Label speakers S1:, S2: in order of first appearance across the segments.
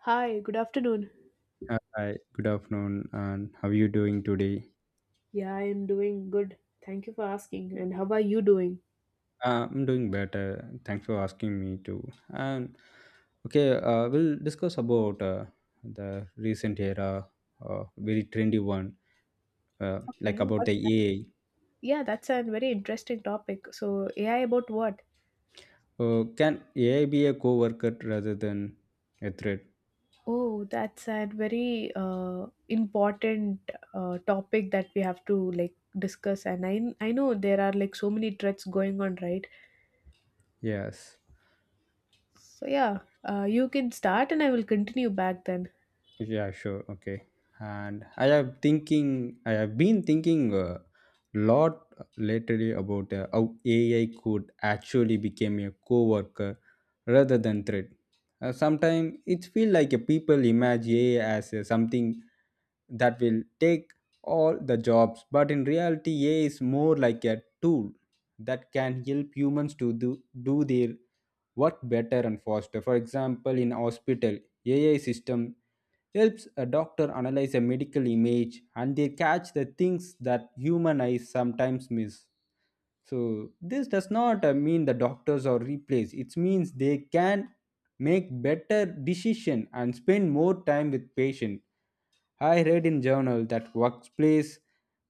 S1: Hi, good afternoon.
S2: Hi, good afternoon, and how are you doing today?
S1: Yeah, I'm doing good. Thank you for asking. And how are you doing?
S2: I'm doing better. Thanks for asking me too. And okay, we'll discuss about the recent era, very trendy one,
S1: Okay,
S2: like about
S1: what's
S2: the
S1: that?
S2: AI.
S1: Yeah, that's a very interesting topic. So, AI about what?
S2: Can AI be a co-worker rather than a threat?
S1: Oh, that's a very important topic that we have to like discuss. And I know there are like so many threats going on, right?
S2: Yes.
S1: So yeah, you can start, and I will continue back then.
S2: Yeah, sure. Okay. And I have been thinking a lot lately about how AI could actually become a co-worker rather than threat. Sometimes it feels like a people imagine AI as something that will take all the jobs, but in reality, AI is more like a tool that can help humans to do their work better and faster. For example, in hospital, AI system helps a doctor analyze a medical image, and they catch the things that human eyes sometimes miss. So this does not mean the doctors are replaced. It means they can make better decision and spend more time with patient. I read in journal that workplace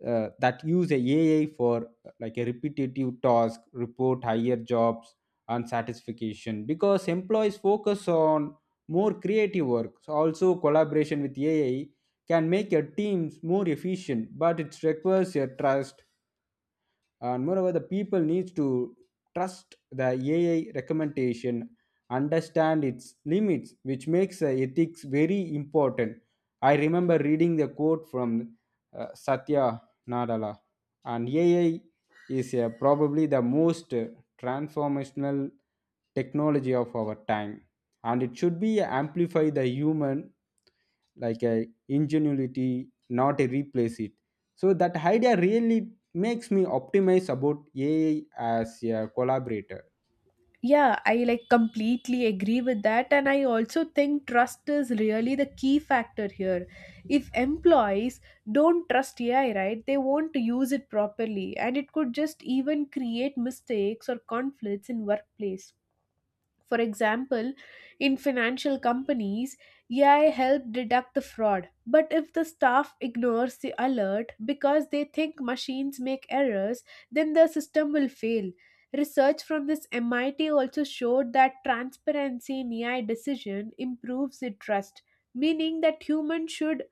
S2: that use a AI for like a repetitive task report higher jobs and satisfaction because employees focus on more creative work. So also collaboration with AI can make your teams more efficient, but it requires your trust, and moreover the people needs to trust the ai recommendation, understand its limits, which makes ethics very important. I remember reading the quote from satya nadella and ai is probably the most transformational technology of our time, and it should be amplify the human, like a ingenuity, not a replace it. So that idea really makes me optimize about ai as a collaborator.
S1: Yeah, I like completely agree with that. And I also think trust is really the key factor here. If employees don't trust AI, right, they won't use it properly. And it could just even create mistakes or conflicts in workplace. For example, in financial companies, AI helps detect the fraud. But if the staff ignores the alert because they think machines make errors, then the system will fail. Research from this MIT also showed that transparency in AI decision improves the trust, meaning that humans should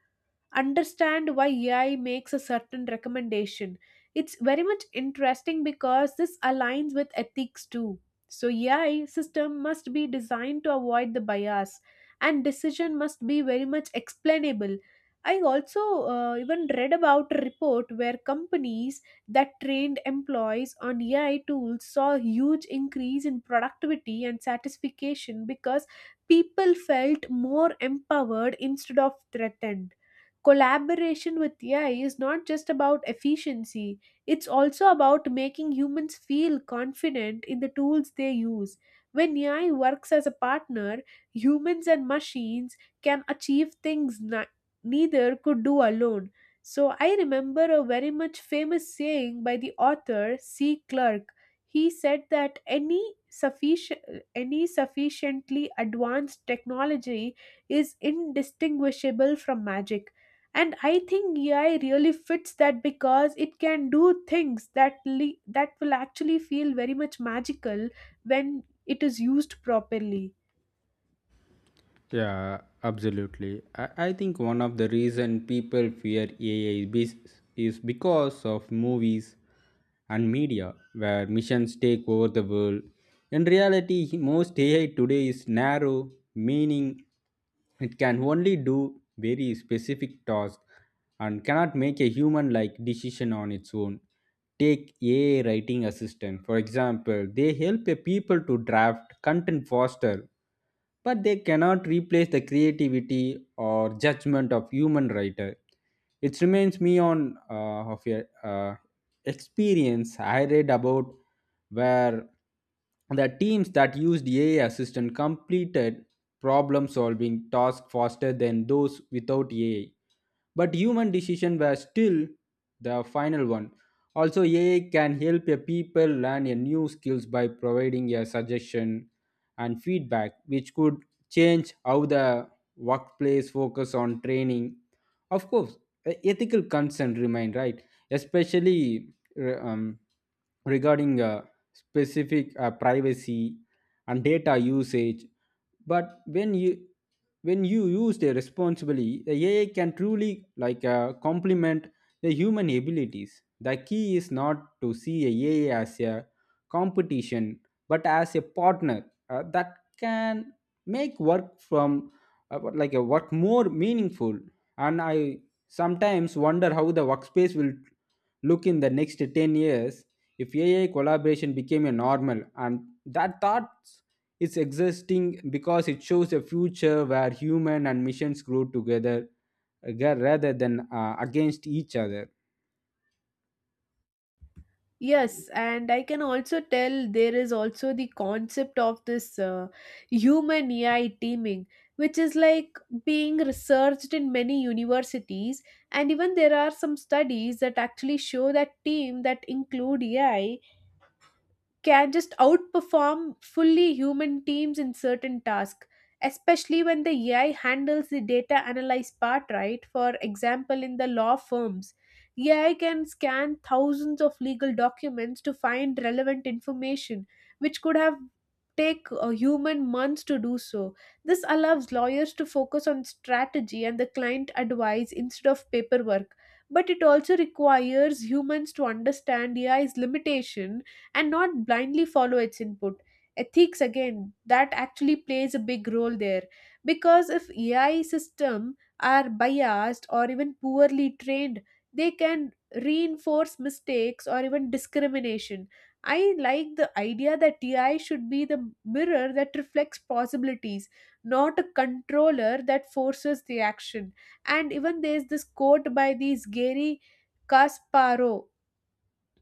S1: understand why AI makes a certain recommendation. It's very much interesting because this aligns with ethics too. So AI system must be designed to avoid the bias and decision must be very much explainable. I also even read about a report where companies that trained employees on AI tools saw a huge increase in productivity and satisfaction because people felt more empowered instead of threatened. Collaboration with AI is not just about efficiency, it's also about making humans feel confident in the tools they use. When AI works as a partner, humans and machines can achieve things neither could do alone. So I remember a very much famous saying by the author C. Clarke. He said that any sufficiently advanced technology is indistinguishable from magic, and I think AI really fits that because it can do things that will actually feel very much magical when it is used properly.
S2: Yeah, absolutely. I think one of the reason people fear AI is because of movies and media where missions take over the world. In reality, most AI today is narrow, meaning it can only do very specific tasks and cannot make a human-like decision on its own. Take AI writing assistant, for example, they help a people to draft content faster, but they cannot replace the creativity or judgment of human writer. It reminds me on of a uh, experience I read about where the teams that used ai assistant completed problem solving tasks faster than those without ai, but human decision were still the final one. Also, AI can help a people learn a new skills by providing a suggestion and feedback, which could change how the workplace focus on training. Of course, ethical concern remain, right, especially regarding specific privacy and data usage. But when you use it responsibly, the ai can truly like complement the human abilities. The key is not to see a ai as a competition, but as a partner that can make work from what- like a work more meaningful. And I sometimes wonder how the workspace will look in the next 10 years if ai collaboration became a normal, and that thought it's existing because it shows a future where human and missions grow together, rather than against each other.
S1: Yes, and I can also tell there is also the concept of this human AI teaming, which is like being researched in many universities. And even there are some studies that actually show that team that include AI can just outperform fully human teams in certain tasks, especially when the AI handles the data analyze part, right? For example, in the law firms, AI can scan thousands of legal documents to find relevant information, which could have take a human months to do so. This allows lawyers to focus on strategy and the client advice instead of paperwork, but it also requires humans to understand AI's limitation and not blindly follow its input. Ethics again, that actually plays a big role there because if AI system are biased or even poorly trained, they can reinforce mistakes or even discrimination. I like the idea that AI should be the mirror that reflects possibilities, not a controller that forces the action. And even there's this quote by these Gary Kasparov,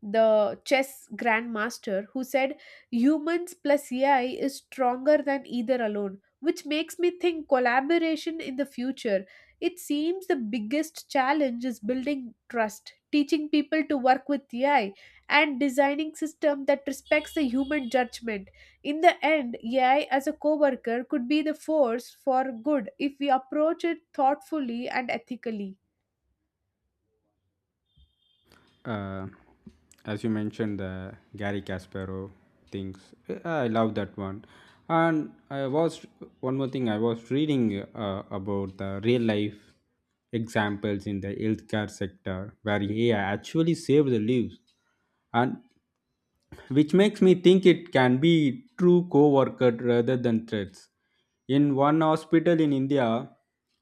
S1: the chess grandmaster, who said humans plus AI is stronger than either alone, which makes me think collaboration in the future. It seems the biggest challenge is building trust, teaching people to work with AI, and designing system that respects the human judgment. In the end, AI as a coworker could be the force for good if we approach it thoughtfully and ethically.
S2: Uh, as you mentioned, the Gary Kasparov things. I love that one. And I was one more thing. I was reading about the real life examples in the healthcare sector where AI actually saved the lives. And which makes me think it can be true co-worker rather than threats. In one hospital in India,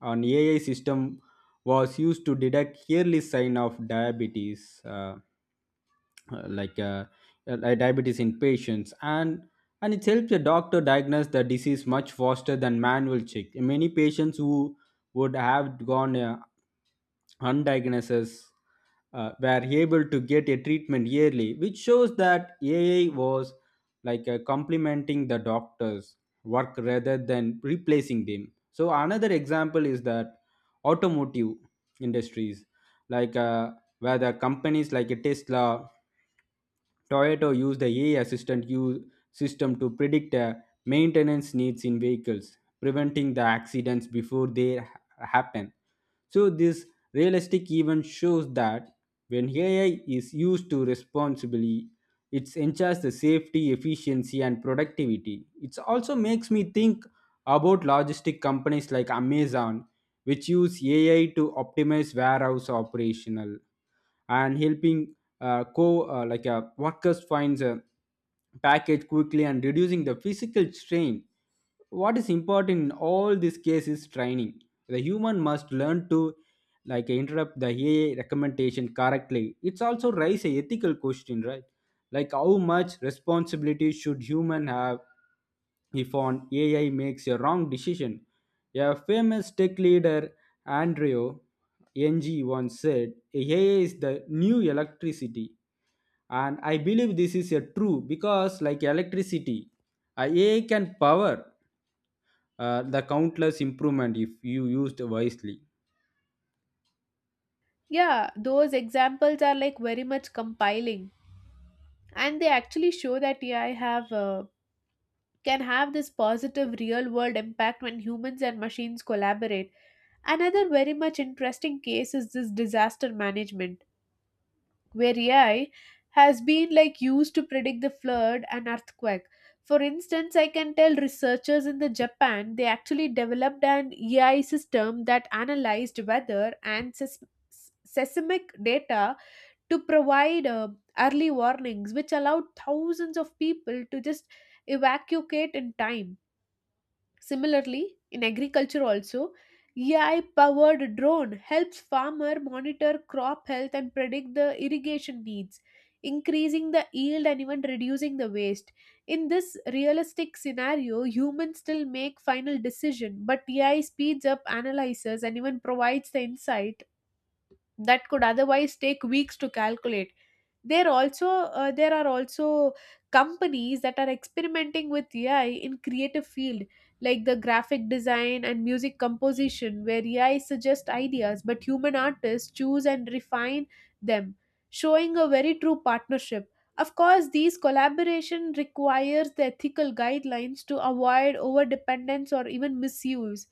S2: an AI system was used to detect early sign of diabetes. Uh, like uh, Diabetes in patients, and it helps the doctor diagnose the disease much faster than manual check. Many patients who would have gone undiagnosed were able to get a treatment yearly, which shows that ai was like complementing the doctors work rather than replacing them. So another example is that automotive industries, like uh, where the companies like tesla Toyota used the AI assistant use system to predict maintenance needs in vehicles, preventing the accidents before happen. So this realistic even shows that when AI is used to responsibly, it enhances the safety, efficiency, and productivity. It also makes me think about logistic companies like Amazon, which use AI to optimize warehouse operational and helping co like workers finds a package quickly and reducing the physical strain. What is important in all these cases is training. The human must learn to like interrupt the ai recommendation correctly. It's also raise a ethical question, right, like how much responsibility should human have if on ai makes a wrong decision. A famous tech leader andrew NG once said, AI is the new electricity. And I believe this is a true because, like electricity, AI can power the countless improvement if you used wisely.
S1: Yeah, those examples are like very much compiling. And they actually show that AI have can have this positive real world impact when humans and machines collaborate. Another very much interesting case is this disaster management where AI has been like used to predict the flood and earthquake. For instance, I can tell researchers in the Japan, they actually developed an AI system that analyzed weather and seismic data to provide early warnings, which allowed thousands of people to just evacuate in time. Similarly, in agriculture also, AI powered drone helps farmer monitor crop health and predict the irrigation needs, increasing the yield and even reducing the waste. In this realistic scenario, humans still make final decision, but AI speeds up, analyzes, and even provides the insight that could otherwise take weeks to calculate. There are also companies that are experimenting with AI in creative field like the graphic design and music composition, where AI suggests ideas but human artists choose and refine them, showing a very true partnership. Of course, these collaboration requires the ethical guidelines to avoid over dependence or even misuse,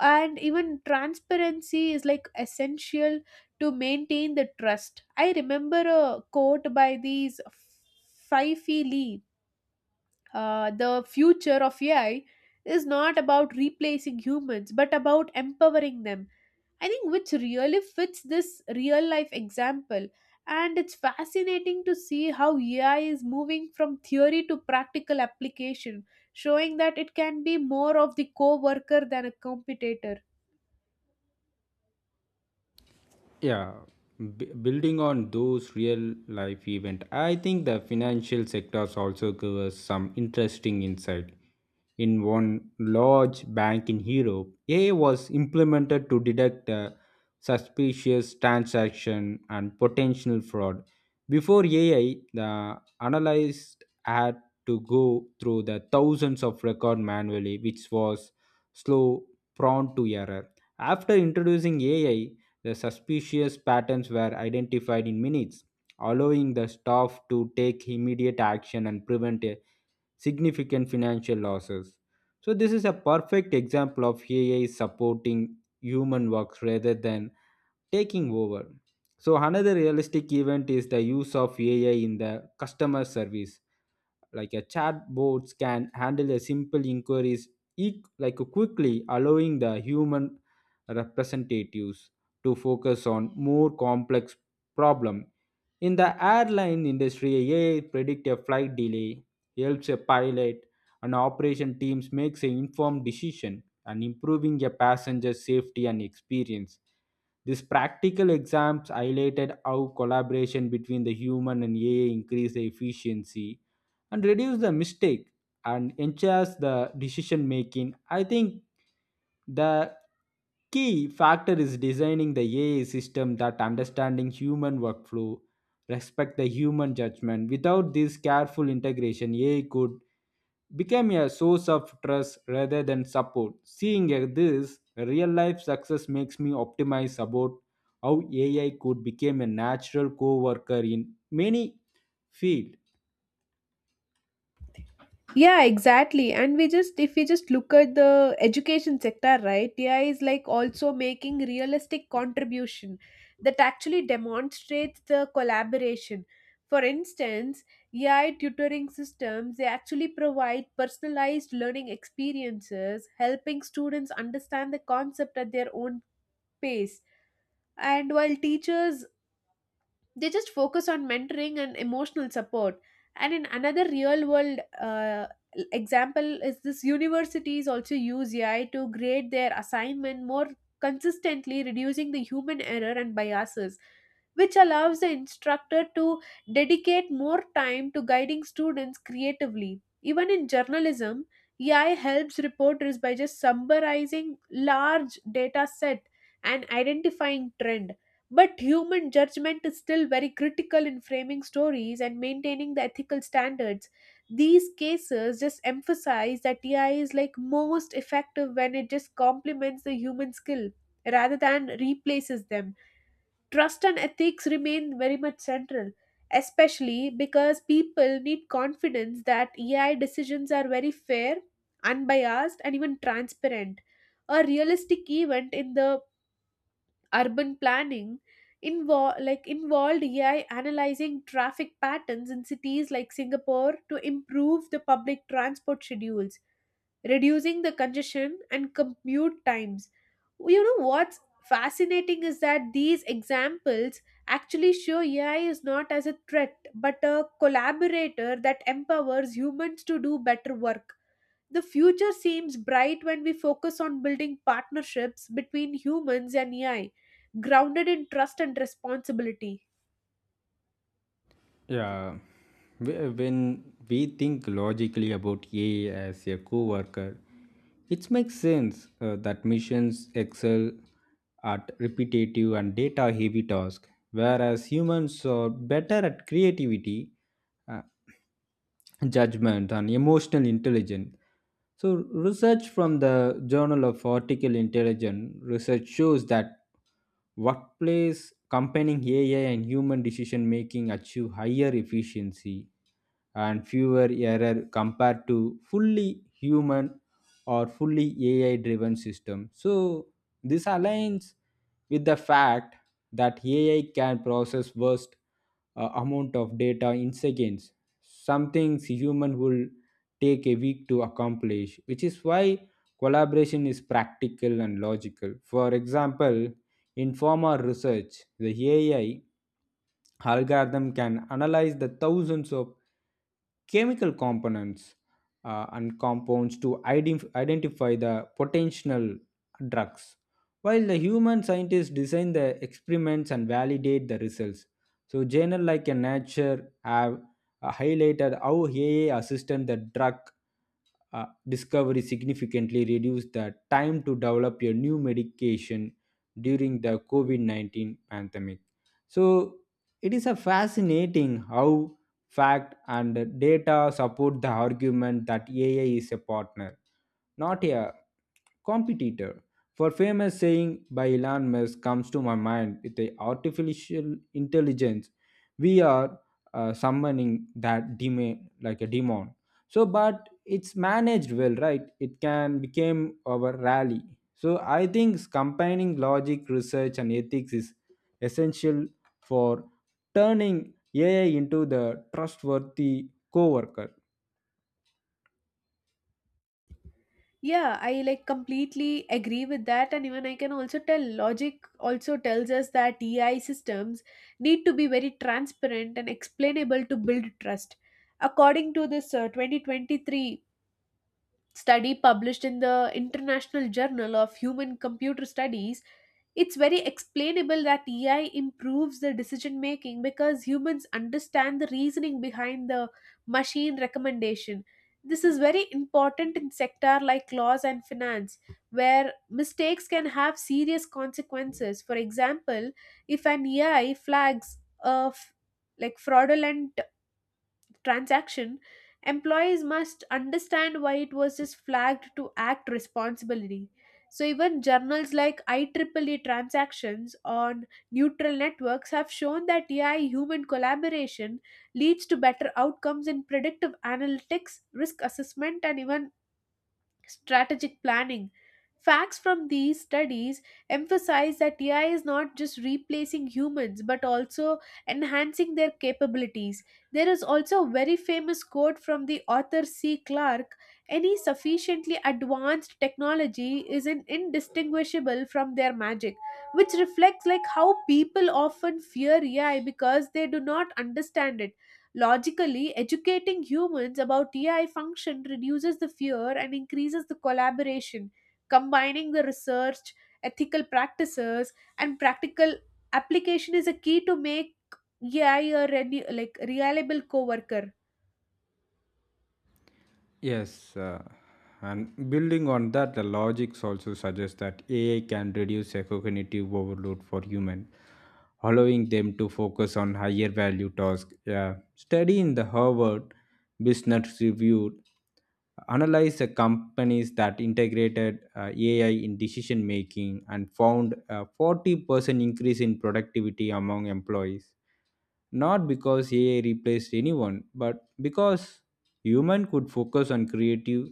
S1: and even transparency is like essential to maintain the trust. I remember a quote by these Fifi Lee, "The future of AI is not about replacing humans, but about empowering them." I think which really fits this real life example. And it's fascinating to see how AI is moving from theory to practical application, showing that it can be more of the co worker than a competitor.
S2: Yeah, building on those real life event, I think the financial sectors also give us some interesting insight. In one large bank in Europe, AI was implemented to detect a suspicious transaction and potential fraud. Before AI, the analyst had to go through the thousands of record manually, which was slow, prone to error. After introducing AI, the suspicious patterns were identified in minutes, allowing the staff to take immediate action and prevent a significant financial losses. So, this is a perfect example of AI supporting human works rather than taking over. So, another realistic event is the use of AI in the customer service, like a chatbots can handle a simple inquiries like quickly, allowing the human representatives to focus on more complex problem. In the airline industry, ai predict a flight delay, helps a pilot and operation teams makes an informed decision and improving a passenger safety and experience. These practical exams highlighted how collaboration between the human and AI increase the efficiency and reduce the mistake and enhance the decision making. I think the key factor is designing the AI system that understanding human workflow, respect the human judgment. Without this careful integration, AI could become a source of trust rather than support. Seeing this real life success makes me optimize about how AI could become a natural co-worker in many fields.
S1: Yeah, exactly. And if we just look at the education sector, right, AI is like also making realistic contribution that actually demonstrates the collaboration. For instance, AI tutoring systems, they actually provide personalized learning experiences, helping students understand the concept at their own pace. And while teachers, they just focus on mentoring and emotional support. And in another real world example is this universities also use AI to grade their assignment more consistently, reducing the human error and biases, which allows the instructor to dedicate more time to guiding students creatively. Even in journalism, AI helps reporters by just summarizing large data set and identifying trend, but human judgment is still very critical in framing stories and maintaining the ethical standards. These cases just emphasize that AI is like most effective when it just complements the human skill rather than replaces them. Trust and ethics remain very much central, especially because people need confidence that AI decisions are very fair, unbiased, and even transparent. A realistic event in the urban planning involved AI analyzing traffic patterns in cities like Singapore to improve the public transport schedules, reducing the congestion and commute times. You know what's fascinating is that these examples actually show AI is not as a threat but a collaborator that empowers humans to do better work. The future seems bright when we focus on building partnerships between humans and AI, grounded in trust and responsibility.
S2: Yeah, when we think logically about AI as a co-worker, it makes sense that missions excel at repetitive and data-heavy tasks, whereas humans are better at creativity, uh, judgment, and emotional intelligence. So, research from the Journal of Artificial Intelligence research shows that workplace combining AI and human decision making achieve higher efficiency and fewer error compared to fully human or fully AI driven system. So this aligns with the fact that AI can process vast amount of data in seconds, some things human will take a week to accomplish, which is why collaboration is practical and logical. For example, in former research, the AI algorithm can analyze the thousands of chemical components and compounds to identify the potential drugs, while the human scientists design the experiments and validate the results. So journal like a nature have highlighted how ai assisted the drug discovery significantly reduced the time to develop a new medication during the COVID 19 pandemic. So, it is a fascinating how fact and data support the argument that AI is a partner, not a competitor. For famous saying by Elon Musk comes to my mind, with the artificial intelligence, we are summoning that demon, like a demon. So, but it's managed well, right, it can become our rally. So I think combining logic, research, and ethics is essential for turning ai into the trustworthy coworker.
S1: Yeah, I like completely agree with that, and even I can also tell logic also tells us that AI systems need to be very transparent and explainable to build trust. According to this 2023 study published in the International Journal of Human Computer Studies, it's very explainable that AI improves the decision making because humans understand the reasoning behind the machine recommendation. This is very important in sector like laws and finance, where mistakes can have serious consequences. For example, if an AI flags a fraudulent transaction, employees must understand why it was just flagged to act responsibly. So even journals like IEEE transactions on neutral networks have shown that AI human collaboration leads to better outcomes in predictive analytics, risk assessment, and even strategic planning. Facts from these studies emphasize that AI is not just replacing humans but also enhancing their capabilities. There is also a very famous quote from the author C. Clarke: "Any sufficiently advanced technology is an indistinguishable from their magic," which reflects like how people often fear AI because they do not understand it. Logically, educating humans about AI function reduces the fear and increases the collaboration. Combining the research, ethical practices, and practical application is a key to make AI a reliable coworker.
S2: Yes, and building on that, the logics also suggests that AI can reduce a cognitive overload for humans, allowing them to focus on higher value tasks. A study in the Harvard Business Review analyzed the companies that integrated AI in decision making and found a 40% increase in productivity among employees, not because AI replaced anyone, but because human could focus on creative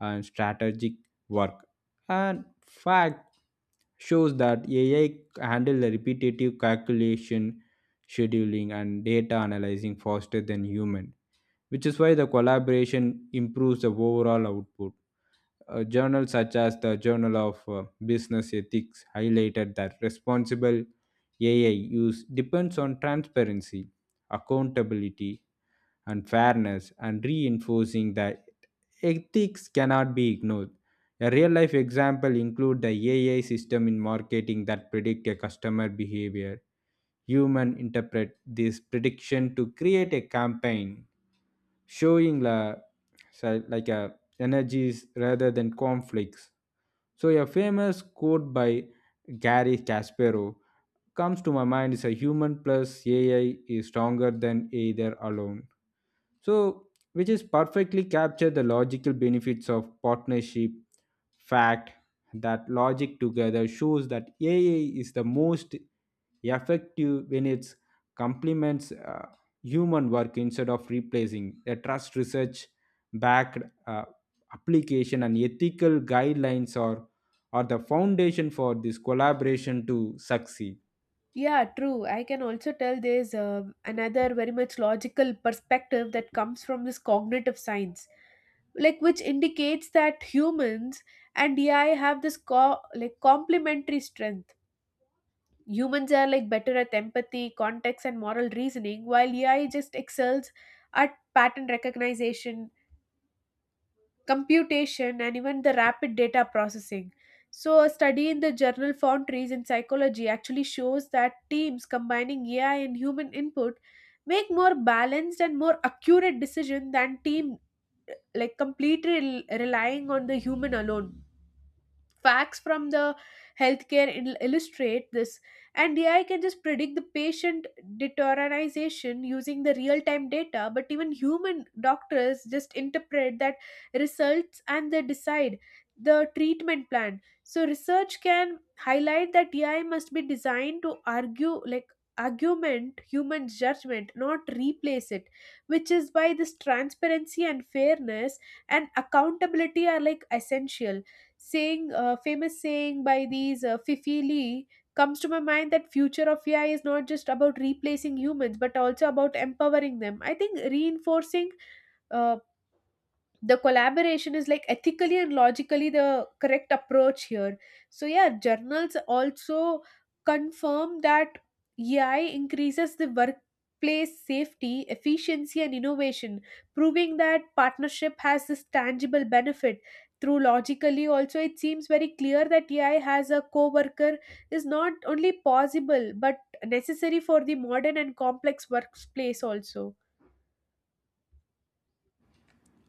S2: and strategic work. And fact shows that AI handle the repetitive calculation, scheduling, and data analyzing faster than human, which is why the collaboration improves the overall output. Journals such as the Journal of Business Ethics highlighted that responsible AI use depends on transparency, accountability, and fairness, and reinforcing that ethics cannot be ignored. A real life example include the AI system in marketing that predict a customer behavior. Human interpret this prediction to create a campaign, showing la, so like a energies rather than conflicts. So, a famous quote by Gary Kasparov comes to my mind is, a human plus AI is stronger than either alone. So, which is perfectly capture the logical benefits of partnership. Fact that logic together shows that AI is the most effective when it complements human work instead of replacing a trust, research backed uh, application and ethical guidelines are the foundation for this collaboration to succeed.
S1: Yeah, true. I can also tell there's another very much logical perspective that comes from this cognitive science, like which indicates that humans and AI have this complementary strength. Humans are like better at empathy, context, and moral reasoning, while AI just excels at pattern recognition, computation, and even the rapid data processing. So a study in the journal foundries in psychology actually shows that teams combining AI and human input make more balanced and more accurate decision than team like completely relying on the human alone. Facts from the healthcare illustrate this, and AI can just predict the patient deterioration using the real time data, but even human doctors just interpret that results and they decide the treatment plan. So research can highlight that AI must be designed to argue like argument human judgment, not replace it, which is why this transparency and fairness and accountability are like essential. Saying Famous saying by these Fifi Lee comes to my mind, that future of AI is not just about replacing humans but also about empowering them. I think reinforcing uh, the collaboration is like ethically and logically the correct approach here. So yeah, journals also confirm that AI increases the workplace safety, efficiency, and innovation, proving that partnership has this tangible benefit. Through logically also it seems very clear that AI has a co-worker is not only possible but necessary for the modern and complex workplace also.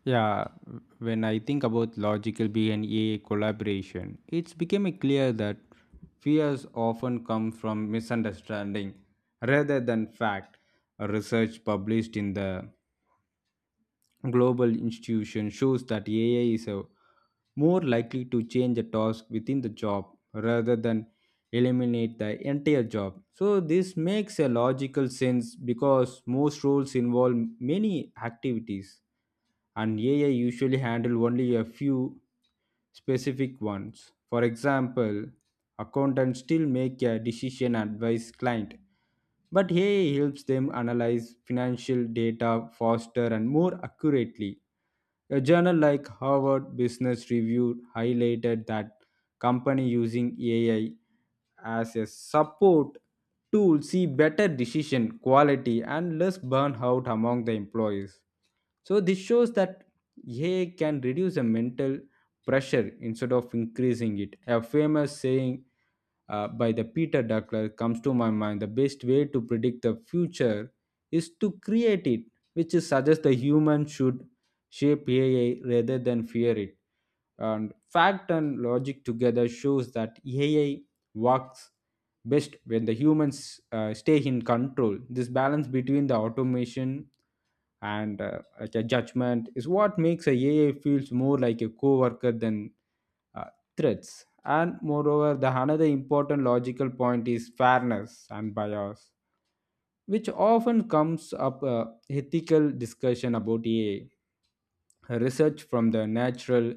S2: Yeah, when I think about logical B and AI collaboration, it's becoming clear that fears often come from misunderstanding rather than fact. A research published in the Global Institution shows that AI is a more likely to change a task within the job rather than eliminate the entire job. So this makes a logical sense because most roles involve many activities, and AI usually handle only a few specific ones. For example, accountants still make a decision advice client, but AI helps them analyze financial data faster and more accurately. A journal like Harvard Business Review highlighted that company using AI as a support tool see better decision quality and less burnout among the employees. So this shows that AI can reduce the mental pressure instead of increasing it. A famous saying by the Peter Duckler comes to my mind: the best way to predict the future is to create it, which is suggests the human should shape AI rather than fear it. And fact and logic together shows that AI works best when the humans stay in control. This balance between the automation and the judgment is what makes a AI feels more like a co-worker than uh, threats. And moreover, the another important logical point is fairness and bias, which often comes up ethical discussion about AI. Research from the Natural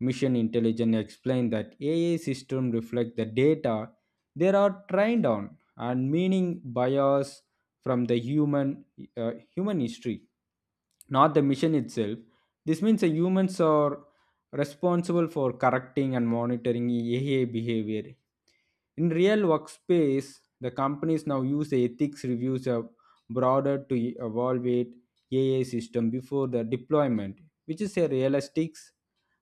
S2: Mission Intelligence explained that AI systems reflect the data they are trained on and meaning bias from the human human history, not the mission itself. This means the humans are responsible for correcting and monitoring AI behavior. In real workspace, the companies now use the ethics reviews broader to evaluate AI system before the deployment, which is a realistic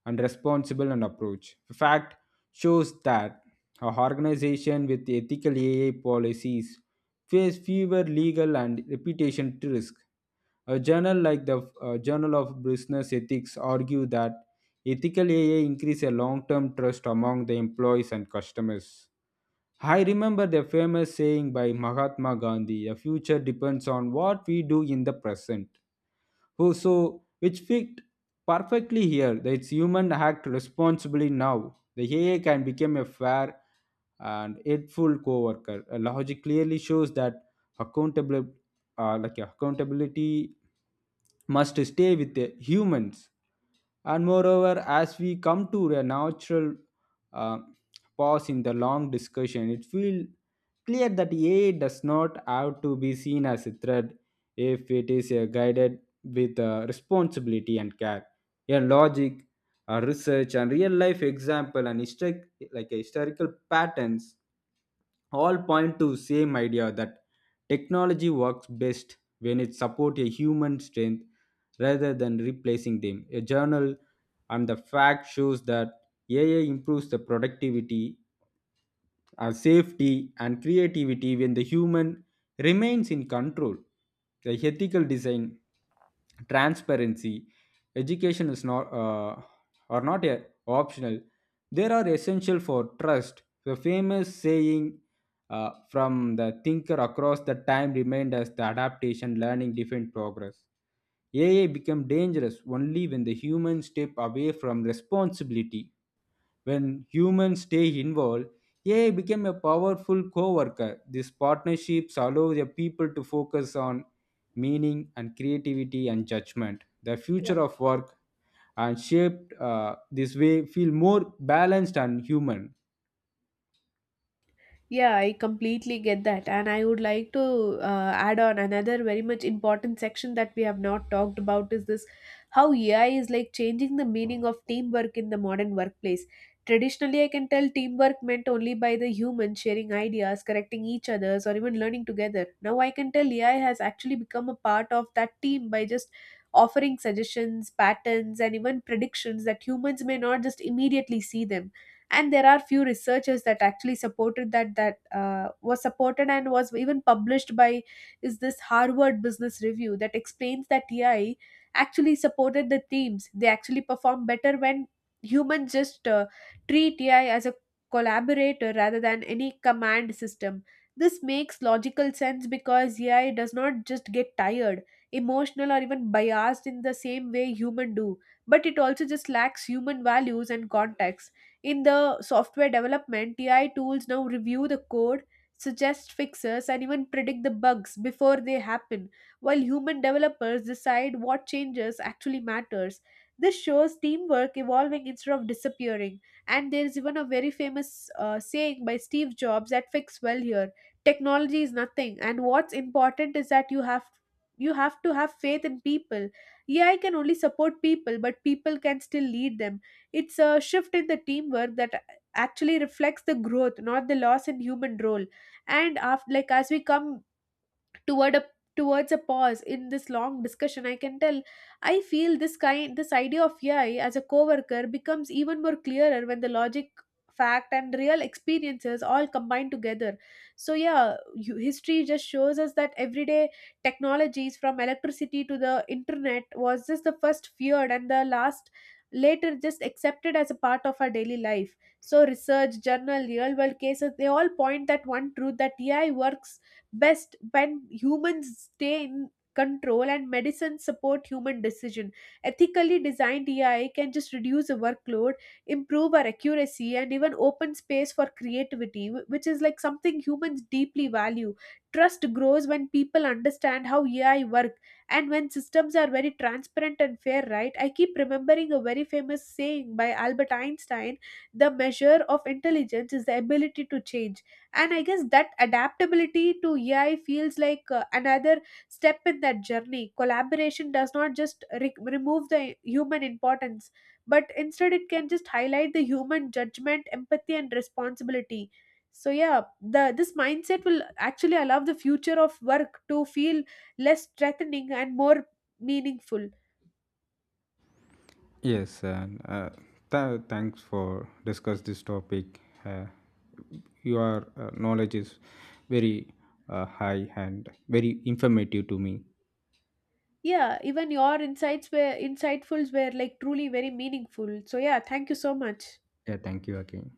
S2: and responsible an approach. The fact shows that a organization with ethical AI policies face fewer legal and reputation risks. A journal like the Journal of Business Ethics argue that ethical AI increase a long-term trust among the employees and customers. I remember the famous saying by Mahatma Gandhi, "A future depends on what we do in the present." Oh, so which fit perfectly here. That It's human act responsibly now. The AI can become a fair and helpful co-worker. Logic clearly shows that accountable, like accountability must stay with the humans. And moreover, as we come to a natural uh, pause in the long discussion, it feels clear that AI does not have to be seen as a threat if it is a guided with responsibility and care. A logic, a research, and real life example and historic, like a historical patterns all point to same idea that technology works best when it supports a human strength rather than replacing them. A journal and the fact shows that AI improves the productivity, safety, and creativity when the human remains in control. The ethical design, transparency, education is not are not a, optional. They are essential for trust. The famous saying from the thinker across the time remained as the adaptation, learning, different progress. AI become dangerous only when the humans step away from responsibility. When humans stay involved, AI became a powerful co-worker. These partnerships allow the people to focus on meaning and creativity and judgment. The future of work and shaped this way feel more balanced and human.
S1: Yeah, I completely get that. And I would like to add on another very much important section that we have not talked about is this how AI is like changing the meaning of teamwork in the modern workplace. Traditionally, I can tell teamwork meant only by the human sharing ideas, correcting each other's, or even learning together. Now I can tell AI has actually become a part of that team by just offering suggestions, patterns, and even predictions that humans may not just immediately see them. And there are few researchers that actually supported that was supported and was even published by is this Harvard Business Review that explains that AI actually supported the teams, they actually perform better when humans just treat AI as a collaborator rather than any command system. This makes logical sense because AI does not just get tired, emotional, or even biased in the same way human do, but it also just lacks human values and context. In the software development, TI tools now review the code, suggest fixes, and even predict the bugs before they happen, while human developers decide what changes actually matters. This shows teamwork evolving instead of disappearing. And there is even a very famous saying by Steve Jobs that fits well here. "Technology is nothing, and what's important is that you have to have faith in people." AI can only support people, but people can still lead them. It's a shift in the teamwork that actually reflects the growth, not the loss in human role. And after, like as we come toward a towards a pause in this long discussion, I can tell I feel this kind this idea of AI as a coworker becomes even more clearer when the logic, fact, and real experiences all combine together. So yeah, history just shows us that everyday technologies from electricity to the internet was just the first feared and the last later just accepted as a part of our daily life. So research journal, real world cases, they all point that one truth, that AI works best when humans stay in control and medicine support human decision. Ethically designed AI can just reduce the workload, improve our accuracy, and even open space for creativity, which is like something humans deeply value. Trust grows when people understand how AI work and when systems are very transparent and fair, right? I keep remembering a very famous saying by Albert Einstein: "The measure of intelligence is the ability to change," and I guess that adaptability to AI feels like another step in that journey. Collaboration does not just remove the human importance, but instead it can just highlight the human judgment, empathy, and responsibility. So yeah, the this mindset will actually allow the future of work to feel less threatening and more meaningful.
S2: Yes, and thanks for discuss this topic. Your knowledge is very high and very informative to me.
S1: Yeah, even your insights were like truly very meaningful, so yeah, thank you so much.
S2: Yeah, thank you again.